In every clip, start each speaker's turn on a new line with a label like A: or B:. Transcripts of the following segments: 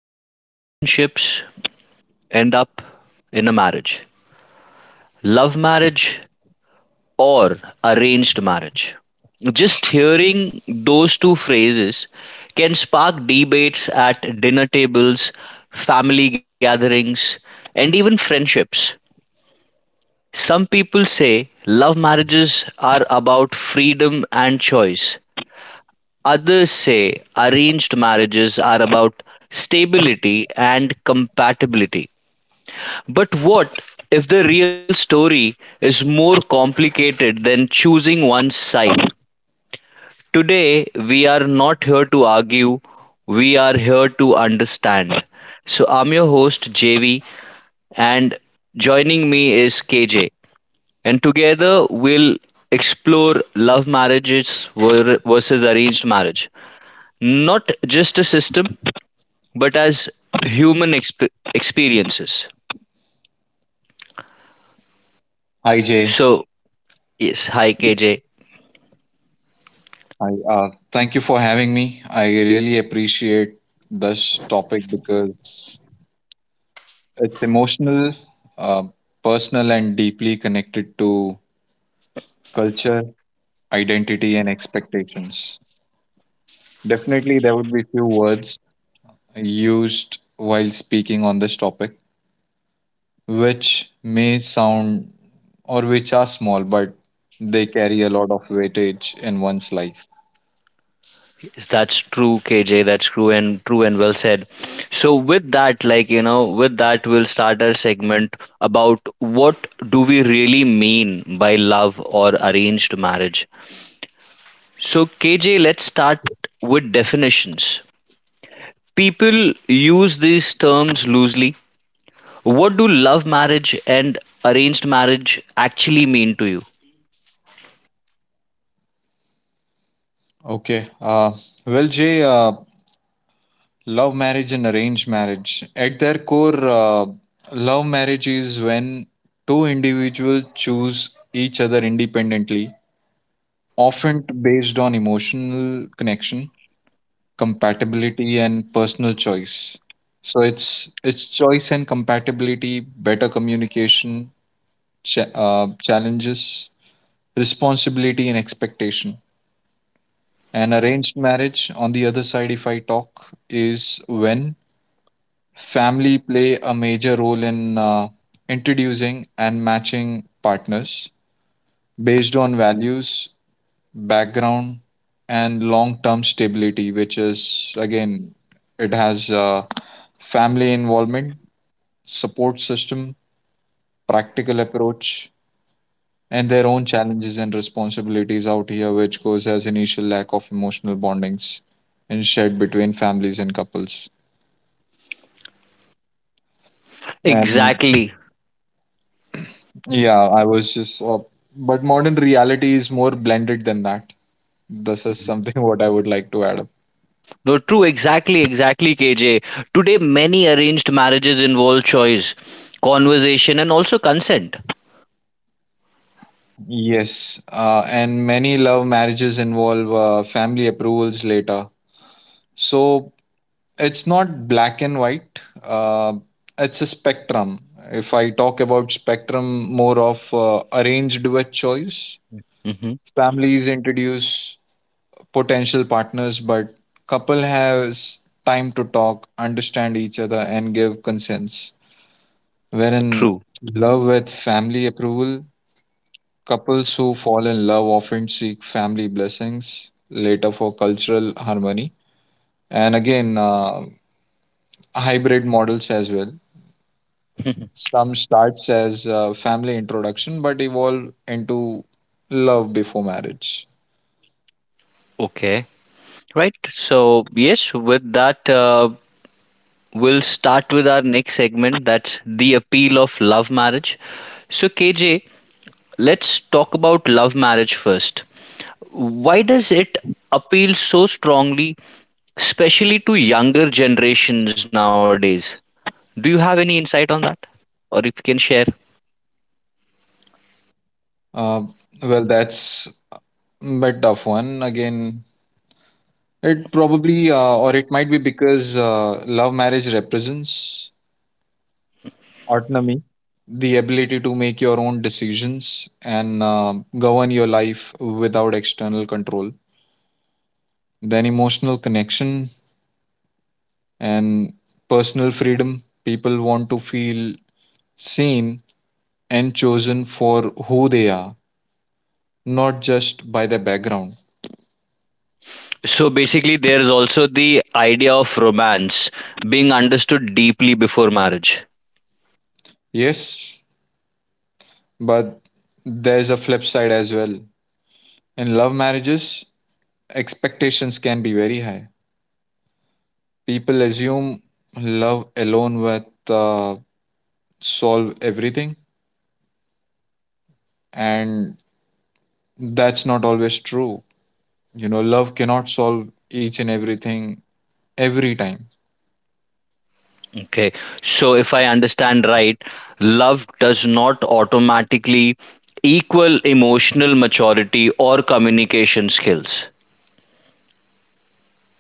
A: Few relationships end up in a marriage, love marriage or arranged marriage. Just hearing those two phrases can spark debates at dinner tables, family gatherings, and even friendships. Some people say love marriages are about freedom and choice. Others say arranged marriages are about stability and compatibility. But what if the real story is more complicated than choosing one side? Today, we are not here to argue, we are here to understand. So, I'm your host, JV, and joining me is KJ. And together, we'll explore love marriages versus arranged marriage. Not just a system, but as human exp- experiences.
B: Hi Jay,
A: So, yes, hi, KJ.
B: I thank you for having me. I really appreciate this topic because it's emotional, uh, personal, and deeply connected to culture, identity, and expectations. Definitely, there would be few words used while speaking on this topic, which may sound or which are small, but they carry a lot of weightage in one's life.
A: Yes, that's true, KJ. That's true and true and well said. So with that, with that we'll start our segment about what do we really mean by love or arranged marriage. So KJ, let's start with definitions. People use these terms loosely. What do love marriage and arranged marriage actually mean to you?
B: Okay. Well, Jay. Love marriage and arranged marriage. At their core, love marriage is when two individuals choose each other independently, often based on emotional connection, compatibility, and personal choice. So it's choice and compatibility, better communication, challenges, responsibility, and expectation. And arranged marriage, on the other side, if I talk, is when family play a major role in introducing and matching partners based on values, background, and long-term stability, which is again, it has family involvement, support system, practical approach, and their own challenges and responsibilities out here, which goes as initial lack of emotional bondings and shared between families and couples. And
A: Exactly.
B: yeah, but modern reality is more blended than that. This is something what I would like to add up.
A: No, true, exactly, exactly, KJ. Today, many arranged marriages involve choice, conversation, and also consent.
B: Yes, and many love marriages involve family approvals later. So it's not black and white, it's a spectrum. If I talk about spectrum, more of arranged with choice.
A: Hmm.
B: Families introduce potential partners, but couple has time to talk, understand each other, and give consents wherein
A: True.
B: love with family approval, couples who fall in love often seek family blessings later for cultural harmony. And again, hybrid models as well. Some starts as family introduction but evolve into love before marriage.
A: Okay. Right. So, yes, with that, we'll start with our next segment, that's the appeal of love marriage. So, KJ, let's talk about love marriage first. Why does it appeal so strongly, especially to younger generations nowadays? Do you have any insight on that? Or if you can share?
B: Uh, well, that's a bit tough one. Again, it probably or it might be because love marriage represents autonomy, the ability to make your own decisions and govern your life without external control. Then, emotional connection and personal freedom. People want to feel seen and chosen for who they are, not just by their background.
A: So basically, there is also the idea of romance being understood deeply before marriage.
B: Yes, but there's a flip side as well. In love marriages, expectations can be very high. People assume love alone with uh, solve everything, and that's not always true. You know, love cannot solve each and everything every time.
A: Okay. So if I understand right, love does not automatically equal emotional maturity or communication skills.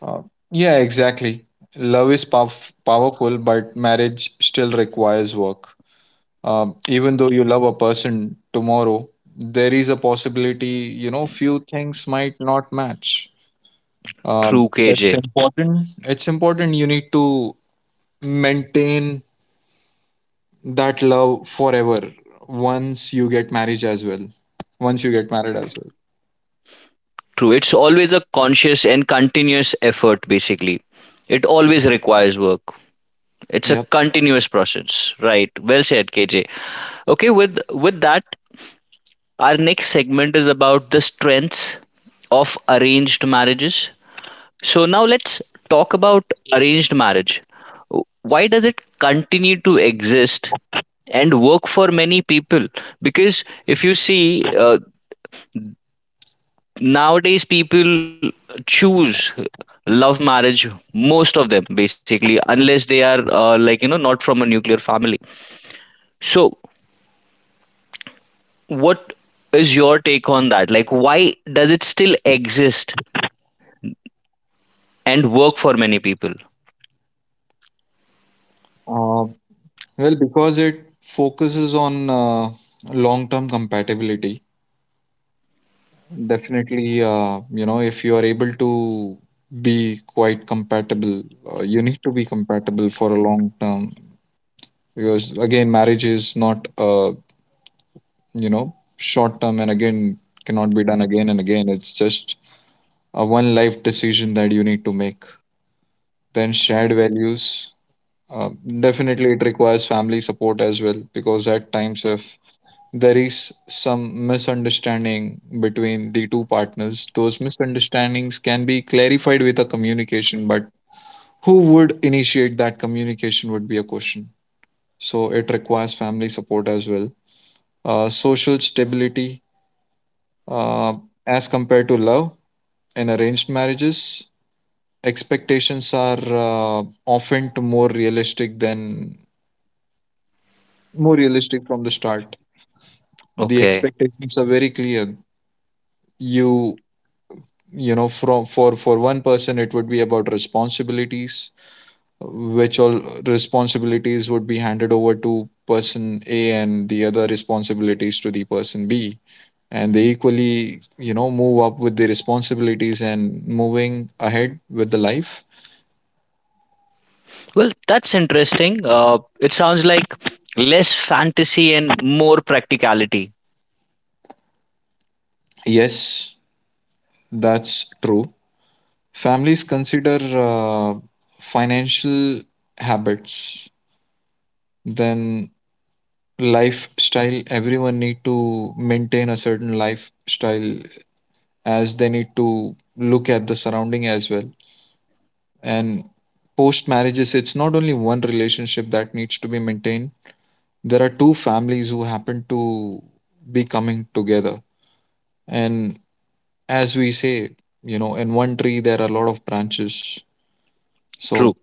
B: uh, yeah, exactly. Love is powerful, but marriage still requires work. Even though you love a person, tomorrow there is a possibility, you know, few things might not match. um,
A: True,
B: it's
A: KJ.
B: important it's important you need to maintain that love forever once you get married as well. once you get married as well
A: True. It's always a conscious and continuous effort, basically. It always requires work. It's a
B: Yep.
A: continuous process, right? Well said, KJ. Okay, with that, our next segment is about the strengths of arranged marriages. So, now let's talk about arranged marriage. Why does it continue to exist and work for many people? Because if you see, nowadays people choose love marriage, most of them basically, unless they are not from a nuclear family. So, what is your take on that? Like, why does it still exist and work for many people?
B: Uh, well, because it focuses on long-term compatibility. Definitely, you know, if you are able to be quite compatible, you need to be compatible for a long term. Because again, marriage is not, you know, short term, and again cannot be done again and again. It's just a one life decision that you need to make. Then shared values. Uh, Definitely, it requires family support as well, because at times if there is some misunderstanding between the two partners. Those misunderstandings can be clarified with a communication, but who would initiate that communication would be a question. So it requires family support as well. Social stability, uh, as compared to love, in arranged marriages, expectations are often to more realistic than more realistic from the start. The
A: Okay.
B: expectations are very clear. You you know from for one person it would be about responsibilities, which all responsibilities would be handed over to person A and the other responsibilities to the person B, and they equally, you know, move up with the responsibilities and moving ahead with the life.
A: Well, that's interesting. It sounds like less fantasy and more practicality.
B: Yes, that's true. Families consider financial habits, then lifestyle. Everyone need to maintain a certain lifestyle, as they need to look at the surrounding as well. And post marriages, it's not only one relationship that needs to be maintained. There are two families who happen to be coming together. And as we say, you know, in one tree there are a lot of branches.
A: True.
B: So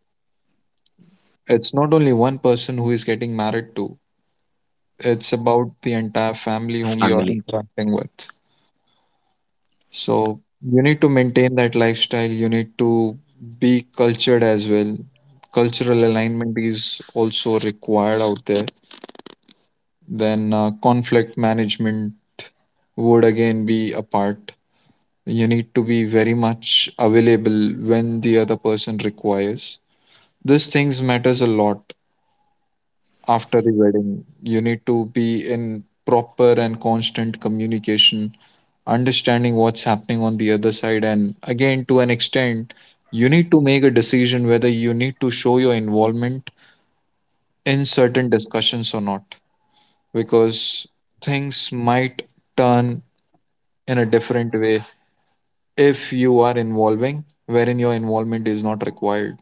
B: it's not only one person who is getting married to, it's about the entire family whom you are
A: Family.
B: interacting with. So you need to maintain that lifestyle. You need to be cultured as well. Cultural alignment is also required out there. Then conflict management would again be a part. You need to be very much available when the other person requires. These things matters a lot after the wedding. You need to be in proper and constant communication, understanding what's happening on the other side, and again, to an extent, you need to make a decision whether you need to show your involvement in certain discussions or not, because things might turn in a different way if you are involving wherein your involvement is not required.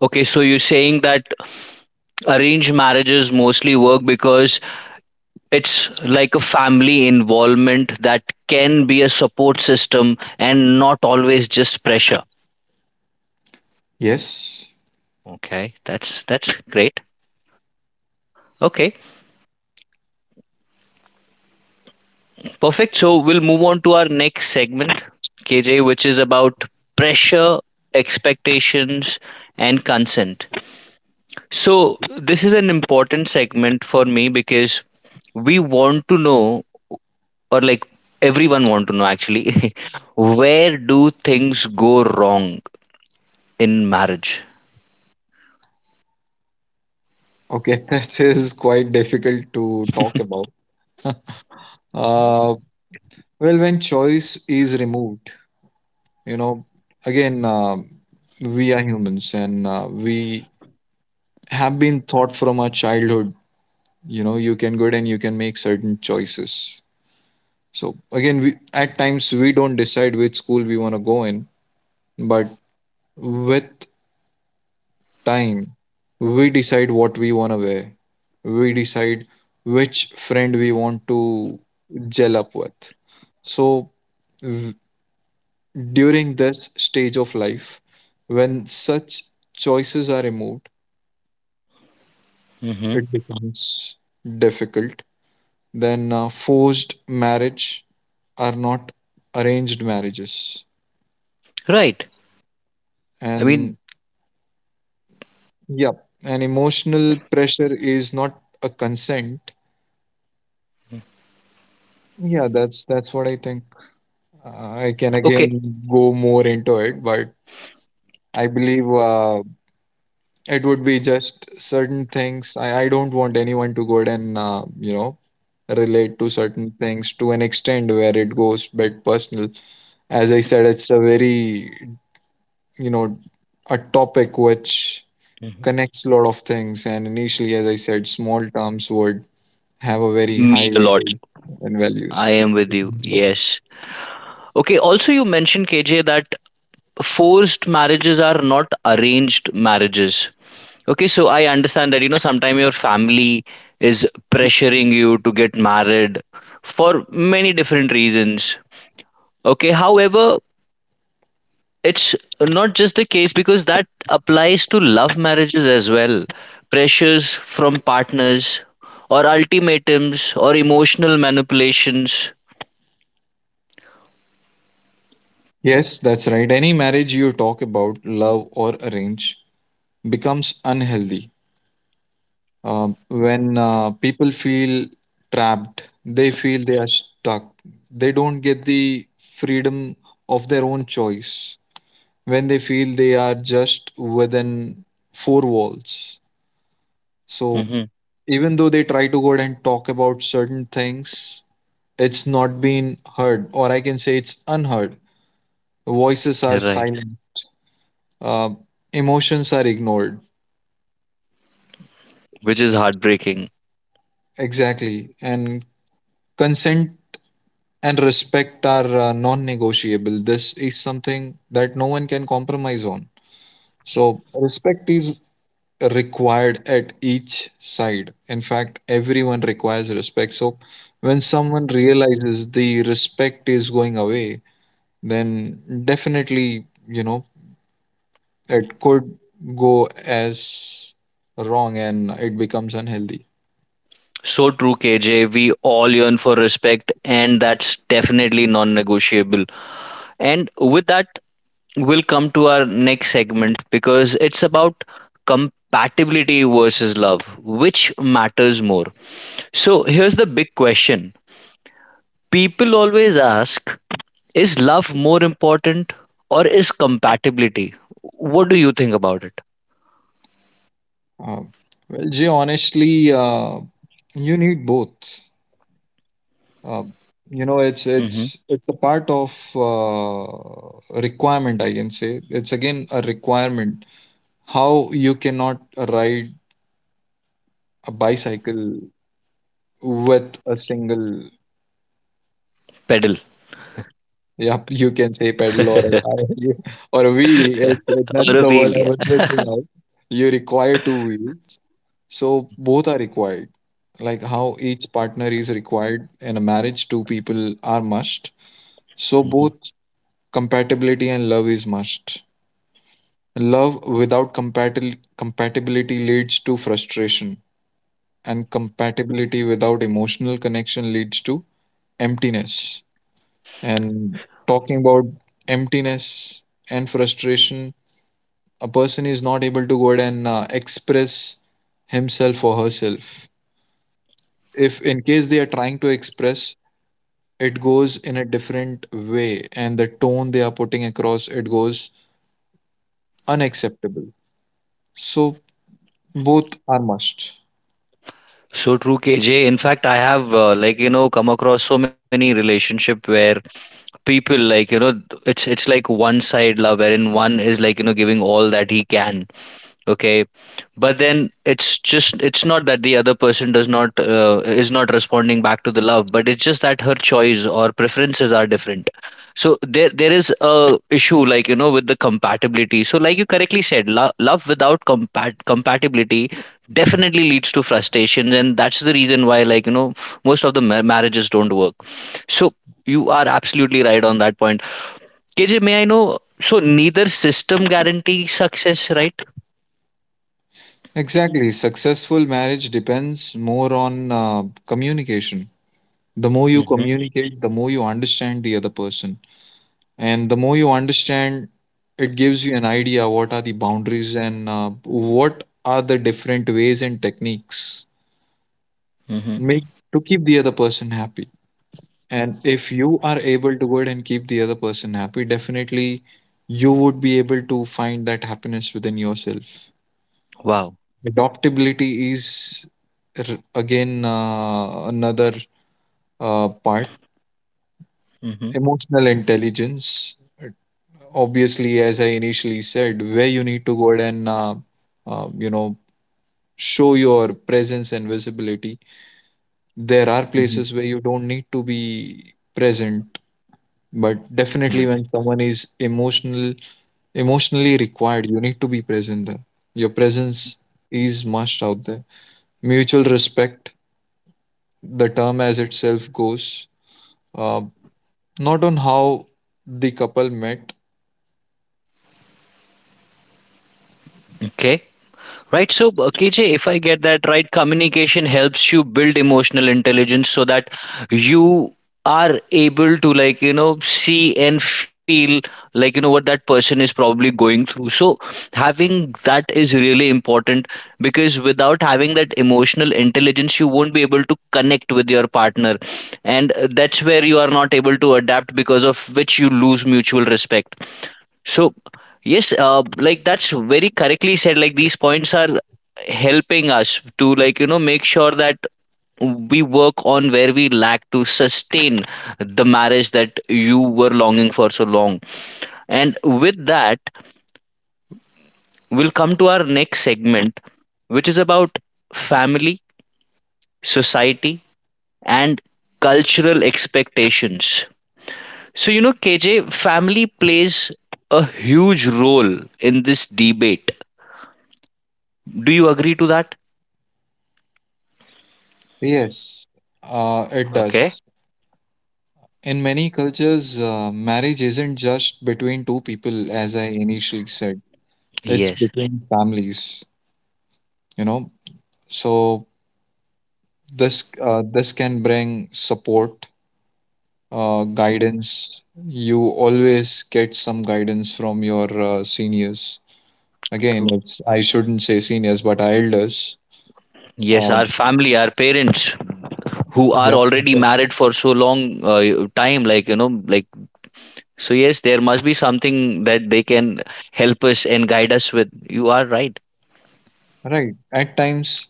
A: Okay. So you're saying that arranged marriages mostly work because it's like a family involvement that can be a support system and not always just pressure.
B: Yes.
A: Okay. That's great. Okay. Perfect. So we'll move on to our next segment, KJ, which is about pressure, expectations, and consent. So this is an important segment for me because we want to know, or like everyone want to know actually, where do things go wrong in marriage?
B: Okay. This is quite difficult to talk about. uh, well, when choice is removed, you know, again, we are humans and we have been taught from our childhood, you know, you can go and you can make certain choices. So again, we at times we don't decide which school we want to go in, but with time we decide what we want to wear, we decide which friend we want to gel up with. So v- during this stage of life, when such choices are removed,
A: Hmm.
B: it becomes difficult. Then forced marriage are not arranged marriages.
A: Right. I mean,
B: And yeah, and emotional pressure is not a consent. Yeah, that's what I think. I can
A: okay.
B: again go more into it, but I believe it would be just certain things. I don't want anyone to go and you know, relate to certain things to an extent where it goes bit personal. As I said, it's a very, you know, a topic which
A: Mhm.
B: connects a lot of things. And initially, as I said, small terms would have a very high
A: Mean a lot.
B: weightage and values.
A: I am with you. Yes. Okay. Also, you mentioned, KJ, that forced marriages are not arranged marriages. Okay, so I understand that you know sometimes your family is pressuring you to get married for many different reasons. Okay, however, it's not just the case, because that applies to love marriages as well. Pressures from partners or ultimatums or emotional manipulations.
B: Yes, that's right. Any marriage you talk about, love or arrange, becomes unhealthy. When people feel trapped, they feel they are stuck. They don't get the freedom of their own choice. When they feel they are just within four walls. So
A: Mm-hmm.
B: even though they try to go out and talk about certain things, it's not been heard, or I can say it's unheard. Voices are
A: You're right,
B: silent, uh, emotions are ignored.
A: which is heartbreaking.
B: Exactly. And consent and respect are non negotiable. This is something that no one can compromise on. So, respect is required at each side. In fact, everyone requires respect. So, when someone realizes the respect is going away, then definitely, you know, it could go as wrong and it becomes unhealthy.
A: So true, KJ. We all yearn for respect, and that's definitely non negotiable. And with that, we'll come to our next segment, because it's about compatibility versus love. Which matters more? So, here's the big question people always ask: is love more important or is compatibility? What do you think about it?
B: Uh, well, Jay, honestly, you need both. Uh, you know, it's
A: Hmm.
B: it's it's a part of requirement, I can say. It's again a requirement. How you cannot ride a bicycle with a single...
A: Pedal.
B: Yeah, you can say pedal or a
A: Or
B: tire or a wheel. That's
A: a
B: the word I
A: wheel,
B: was missing out. You require two wheels, so both are required. Like how each partner is required in a marriage, two people are must. So
A: yeah.
B: both compatibility and love is must. Love without compatibility leads to frustration, and compatibility without emotional connection leads to emptiness. And talking about emptiness and frustration, a person is not able to go ahead and express himself or herself. If in case they are trying to express, it goes in a different way, and the tone they are putting across, it goes unacceptable. So both are must.
A: So true, KJ. In fact, I have come across so many relationship where people it's like one side love, wherein one is giving all that he can. Okay. But then it's just, it's not that the other person does not is not responding back to the love, but it's just that her choice or preferences are different. So there is a issue with the compatibility. So like you correctly said, love without compatibility definitely leads to frustration, and that's the reason why most of the marriages don't work. So you are absolutely right on that point. KJ, may I know, so neither system guarantees success, right?
B: Exactly. Successful marriage depends more on communication. The more you communicate, the more you understand the other person, and the more you understand, it gives you an idea what are the boundaries, and what are the different ways and techniques
A: Mhm.
B: make to keep the other person happy. And if you are able to go ahead and keep the other person happy, definitely you would be able to find that happiness within yourself.
A: Wow.
B: Adaptability is, r- again another part.
A: Mhm.
B: Emotional intelligence, obviously, as I initially said, where you need to go ahead and you know, show your presence and visibility. There are
A: Mhm.
B: places where you don't need to be present, but definitely
A: Right.
B: when someone is emotional, emotionally required, you need to be present there. Your presence is must out there. Mutual respect, the term as itself goes, uh, not on how the couple met.
A: Okay. Right. So, KJ, if I get that right, communication helps you build emotional intelligence so that you are able to, see and feel, what that person is probably going through. So, having that is really important, because without having that emotional intelligence, you won't be able to connect with your partner. And that's where you are not able to adapt, because of which you lose mutual respect. So, yes, like that's very correctly said. Like these points are helping us to, make sure that we work on where we lack to sustain the marriage that you were longing for so long. And with that, we'll come to our next segment, which is about family, society, and cultural expectations. So, you know, KJ, family plays a huge role in this debate. Do you agree to that?
B: Yes, it
A: Okay.
B: does. In many cultures, marriage isn't just between two people, as I initially said. It's
A: Yes,
B: between families, you know. So this this can bring support, guidance. You always get some guidance from your seniors. Again,
A: true.
B: it's I shouldn't say seniors, but elders.
A: Yes,
B: Uh,
A: our family, our parents who are
B: yep.
A: already married for so long time, so yes, there must be something that they can help us and guide us with. You are right.
B: Right. At times,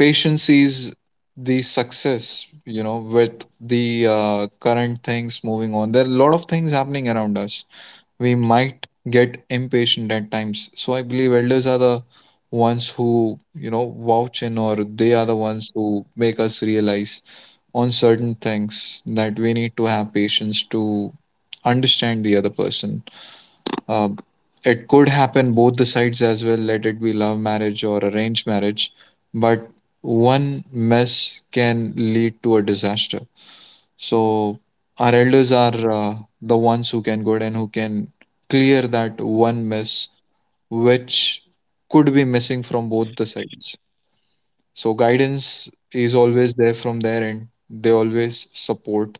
B: patience sees the success, you know, with the current things moving on. There are a lot of things happening around us. We might get impatient at times. So I believe elders are the ones who, you know, vouch in, or they are the ones who make us realize on certain things, that we need to have patience to understand the other person. uh, it could happen both the sides as well, let it be love marriage or arranged marriage, but one mess can lead to a disaster. So, our elders are the ones who can go ahead and who can clear that one mess which could be missing from both the sides. So guidance is always there from their end. They always support,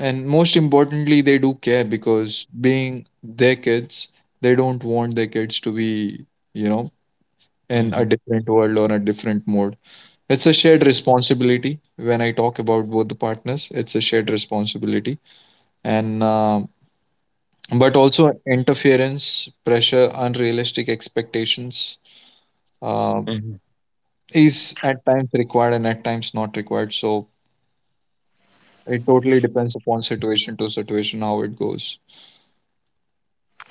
B: and most importantly, they do care, because being their kids, they don't want their kids to be, you know, in a
A: Hmm.
B: different world or a different mode. It's a shared responsibility. When I talk about both the partners, it's a shared responsibility. And But also interference, pressure, unrealistic expectations uh,
A: Hmm.
B: is at times required and at times not required. So it totally depends upon situation to situation how it goes.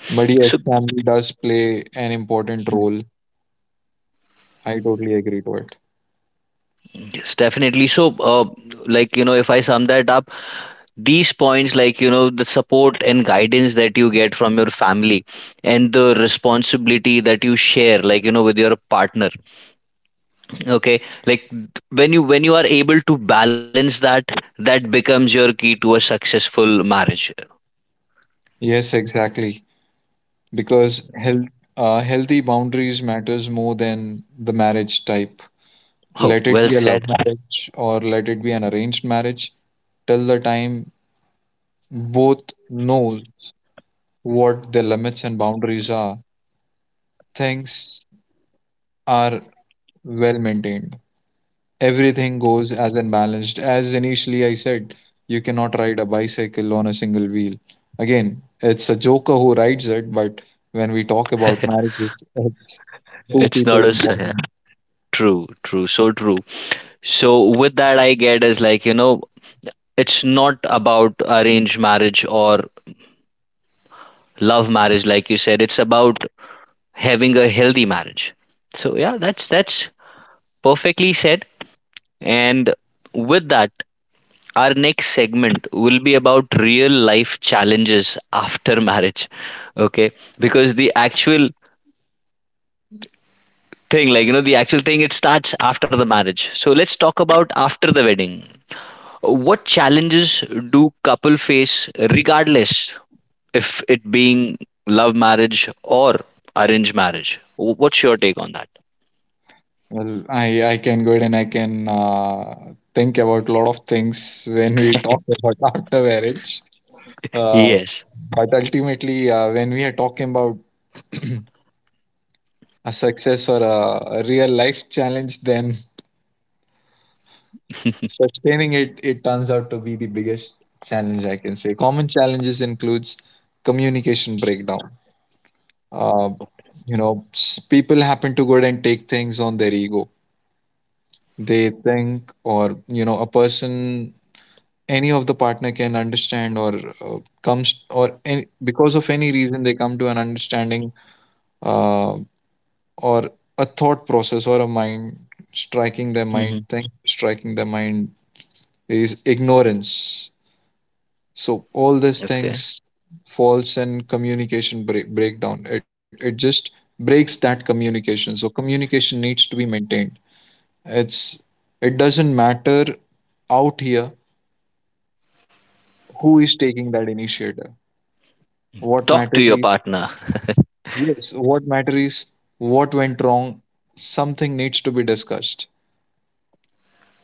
B: But yes,
A: So,
B: family does play an important
A: mhm,
B: role. I totally agree to it.
A: yes, definitely. So, uh, if I sum that up, these points, the support and guidance that you get from your family, and the responsibility that you share, with your partner. Okay, like, when you are able to balance that, that becomes your key to a successful marriage.
B: Yes, exactly. Because health, healthy boundaries matters more than the marriage type.
A: Oh,
B: Let it
A: well
B: be a love
A: said.
B: marriage or let it be an arranged marriage. Till the time both knows what the limits and boundaries are, things are well maintained. Everything goes as unbalanced. As initially I said, you cannot ride a bicycle on a single wheel. Again, it's a joker who rides it, but when we talk about marriages, it's two
A: It's
B: people
A: not as,
B: involved.
A: yeah, true, so true. So with that, I get is it's not about arranged marriage or love marriage, like you said. It's about having a healthy marriage. So yeah, that's perfectly said. And with that, our next segment will be about real life challenges after marriage. Okay. Because the actual thing, the actual thing, it starts after the marriage. So let's talk about after the wedding. What challenges do couple face, regardless if it being love marriage or arranged marriage? What's your take on that?
B: Well, I can go ahead and I can think about a lot of things when we talk about after marriage. Uh,
A: Yes.
B: but ultimately, when we are talking about a success or a real life challenge, then sustaining it, it turns out to be the biggest challenge, I can say. Common challenges includes communication breakdown. Uh, you know, people happen to go ahead and take things on their ego. They think, or you know, a person, any of the partner can understand, or comes, or any, because of any reason they come to an understanding, uh, or a thought process, or a mind striking their mind
A: Hmm.
B: thing, striking their mind is ignorance. So all these
A: Okay.
B: things falls in communication breakdown. It it just breaks that communication. So communication needs to be maintained. It's it doesn't matter out here who is taking that initiative. What
A: Talk to
B: matters
A: your
B: is,
A: partner.
B: yes, what matters is what went wrong. Something needs to be discussed.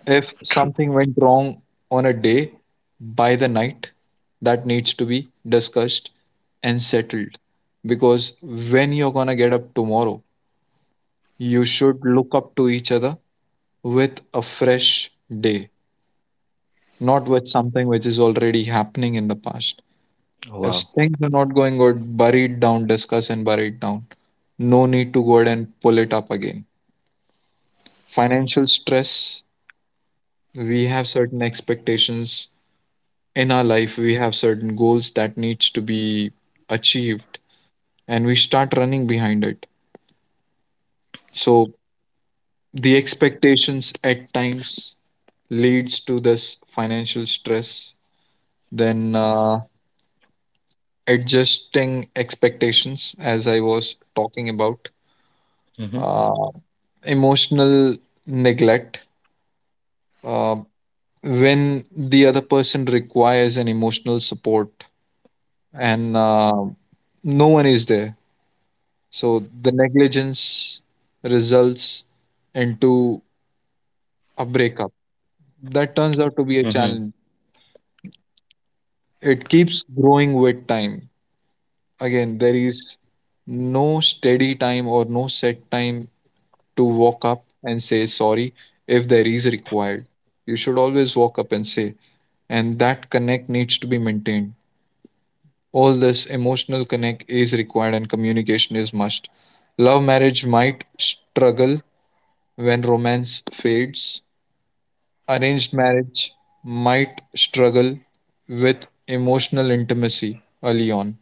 B: If
A: True.
B: something went wrong on a day, by the night, that needs to be discussed and settled. Because when you're gonna get up tomorrow, you should look up to each other with a fresh day, not with something which is already happening in the past. If
A: Wow.
B: things are not going good, bury it down, discuss and bury it down. No need to go ahead and pull it up again. Financial stress. We have certain expectations in our life. We have certain goals that needs to be achieved, and we start running behind it. So the expectations at times leads to this financial stress. Then Adjusting expectations, as I was talking about.
A: Hmm.
B: uh, Emotional neglect. uh, when the other person requires an emotional support and no one is there, so the negligence results into a breakup. That turns out to be a challenge. It keeps growing with time. Again, there is no steady time or no set time to walk up and say sorry. If there is required, you should always walk up and say, and that connect needs to be maintained. All this emotional connect is required and communication is must. Love marriage might struggle when romance fades. Arranged marriage might struggle with emotional intimacy early on.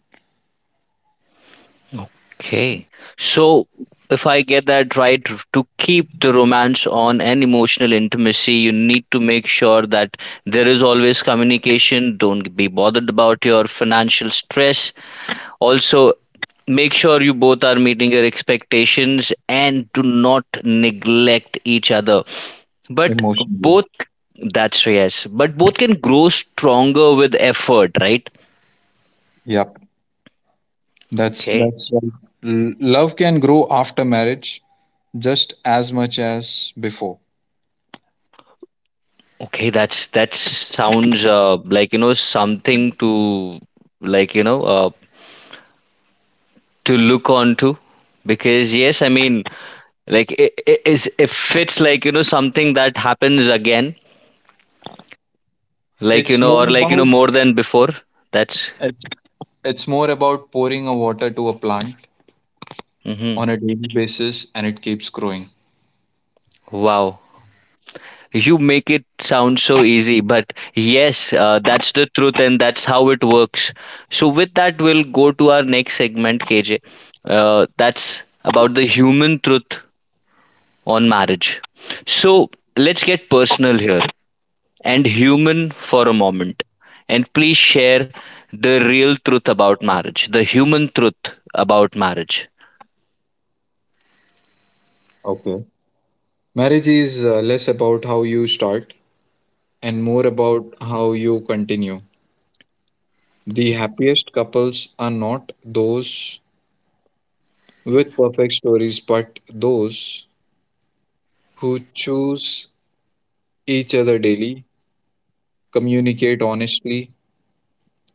A: Okay. So, if I get that right, to keep the romance on and emotional intimacy, you need to make sure that there is always communication. Don't be bothered about your financial stress. Also, make sure you both are meeting your expectations and do not neglect each other. But
B: Emotionally.
A: both, that's, yes, but both can grow stronger with effort, right?
B: Yep. That's
A: Okay.
B: that's right. Love can grow after marriage just as much as before.
A: Okay, that's that sounds something to like you know uh, to look onto. Because yes, I mean, like i is if it's something that happens again,
B: It's more
A: or
B: about,
A: more than before. That's,
B: it's it's more about pouring a water to a plant
A: hmm,
B: on a daily basis, and it keeps growing.
A: wow. You make it sound so easy, but yes, that's the truth and that's how it works. So with that, we'll go to our next segment, KJ. That's about the human truth on marriage. So let's get personal here and human for a moment. And please share the real truth about marriage, the human truth about marriage.
B: Okay. Marriage is less about how you start and more about how you continue. The happiest couples are not those with perfect stories, but those who choose each other daily, communicate honestly,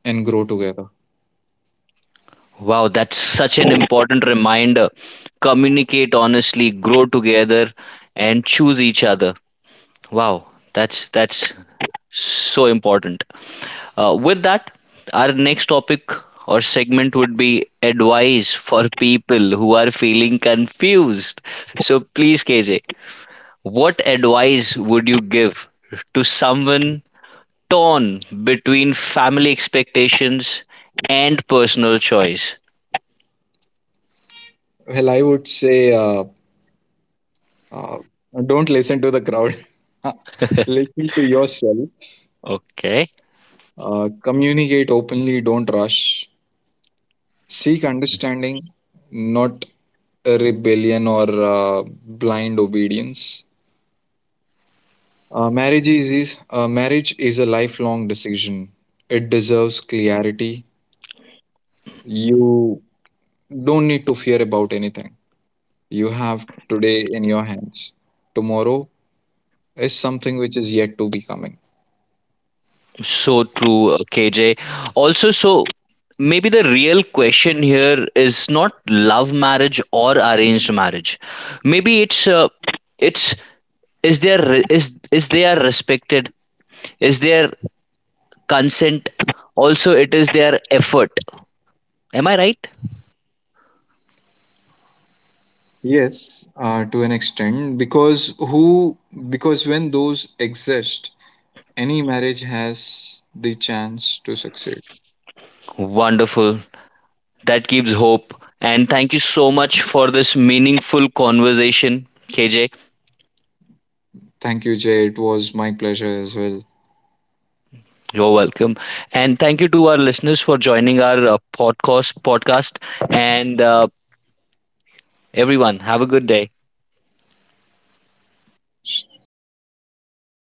B: and grow together.
A: Wow, that's such an important reminder. Communicate honestly, grow together, and choose each other. Wow, that's so important. With that, our next topic or segment would be advice for people who are feeling confused. So, please, KJ, what advice would you give to someone torn between family expectations and personal choice?
B: Well, I would say uh, don't listen to the crowd, listen to yourself,
A: Okay,
B: communicate openly, don't rush, seek understanding, not a rebellion or blind obedience. Marriage is a lifelong decision. It deserves clarity. You don't need to fear about anything. You have today in your hands. Tomorrow is something which is yet to be coming.
A: so true, KJ. Also, so maybe the real question here is not love marriage or arranged marriage. Maybe it's is their is they are respected, is their consent, also it is their effort. Am I right?
B: Yes, to an extent, because when those exist, any marriage has the chance to succeed.
A: Wonderful. That gives hope. And thank you so much for this meaningful conversation, KJ.
B: Thank you, Jay. It was my pleasure as well.
A: You're welcome. And thank you to our listeners for joining our podcast. And everyone have a good day.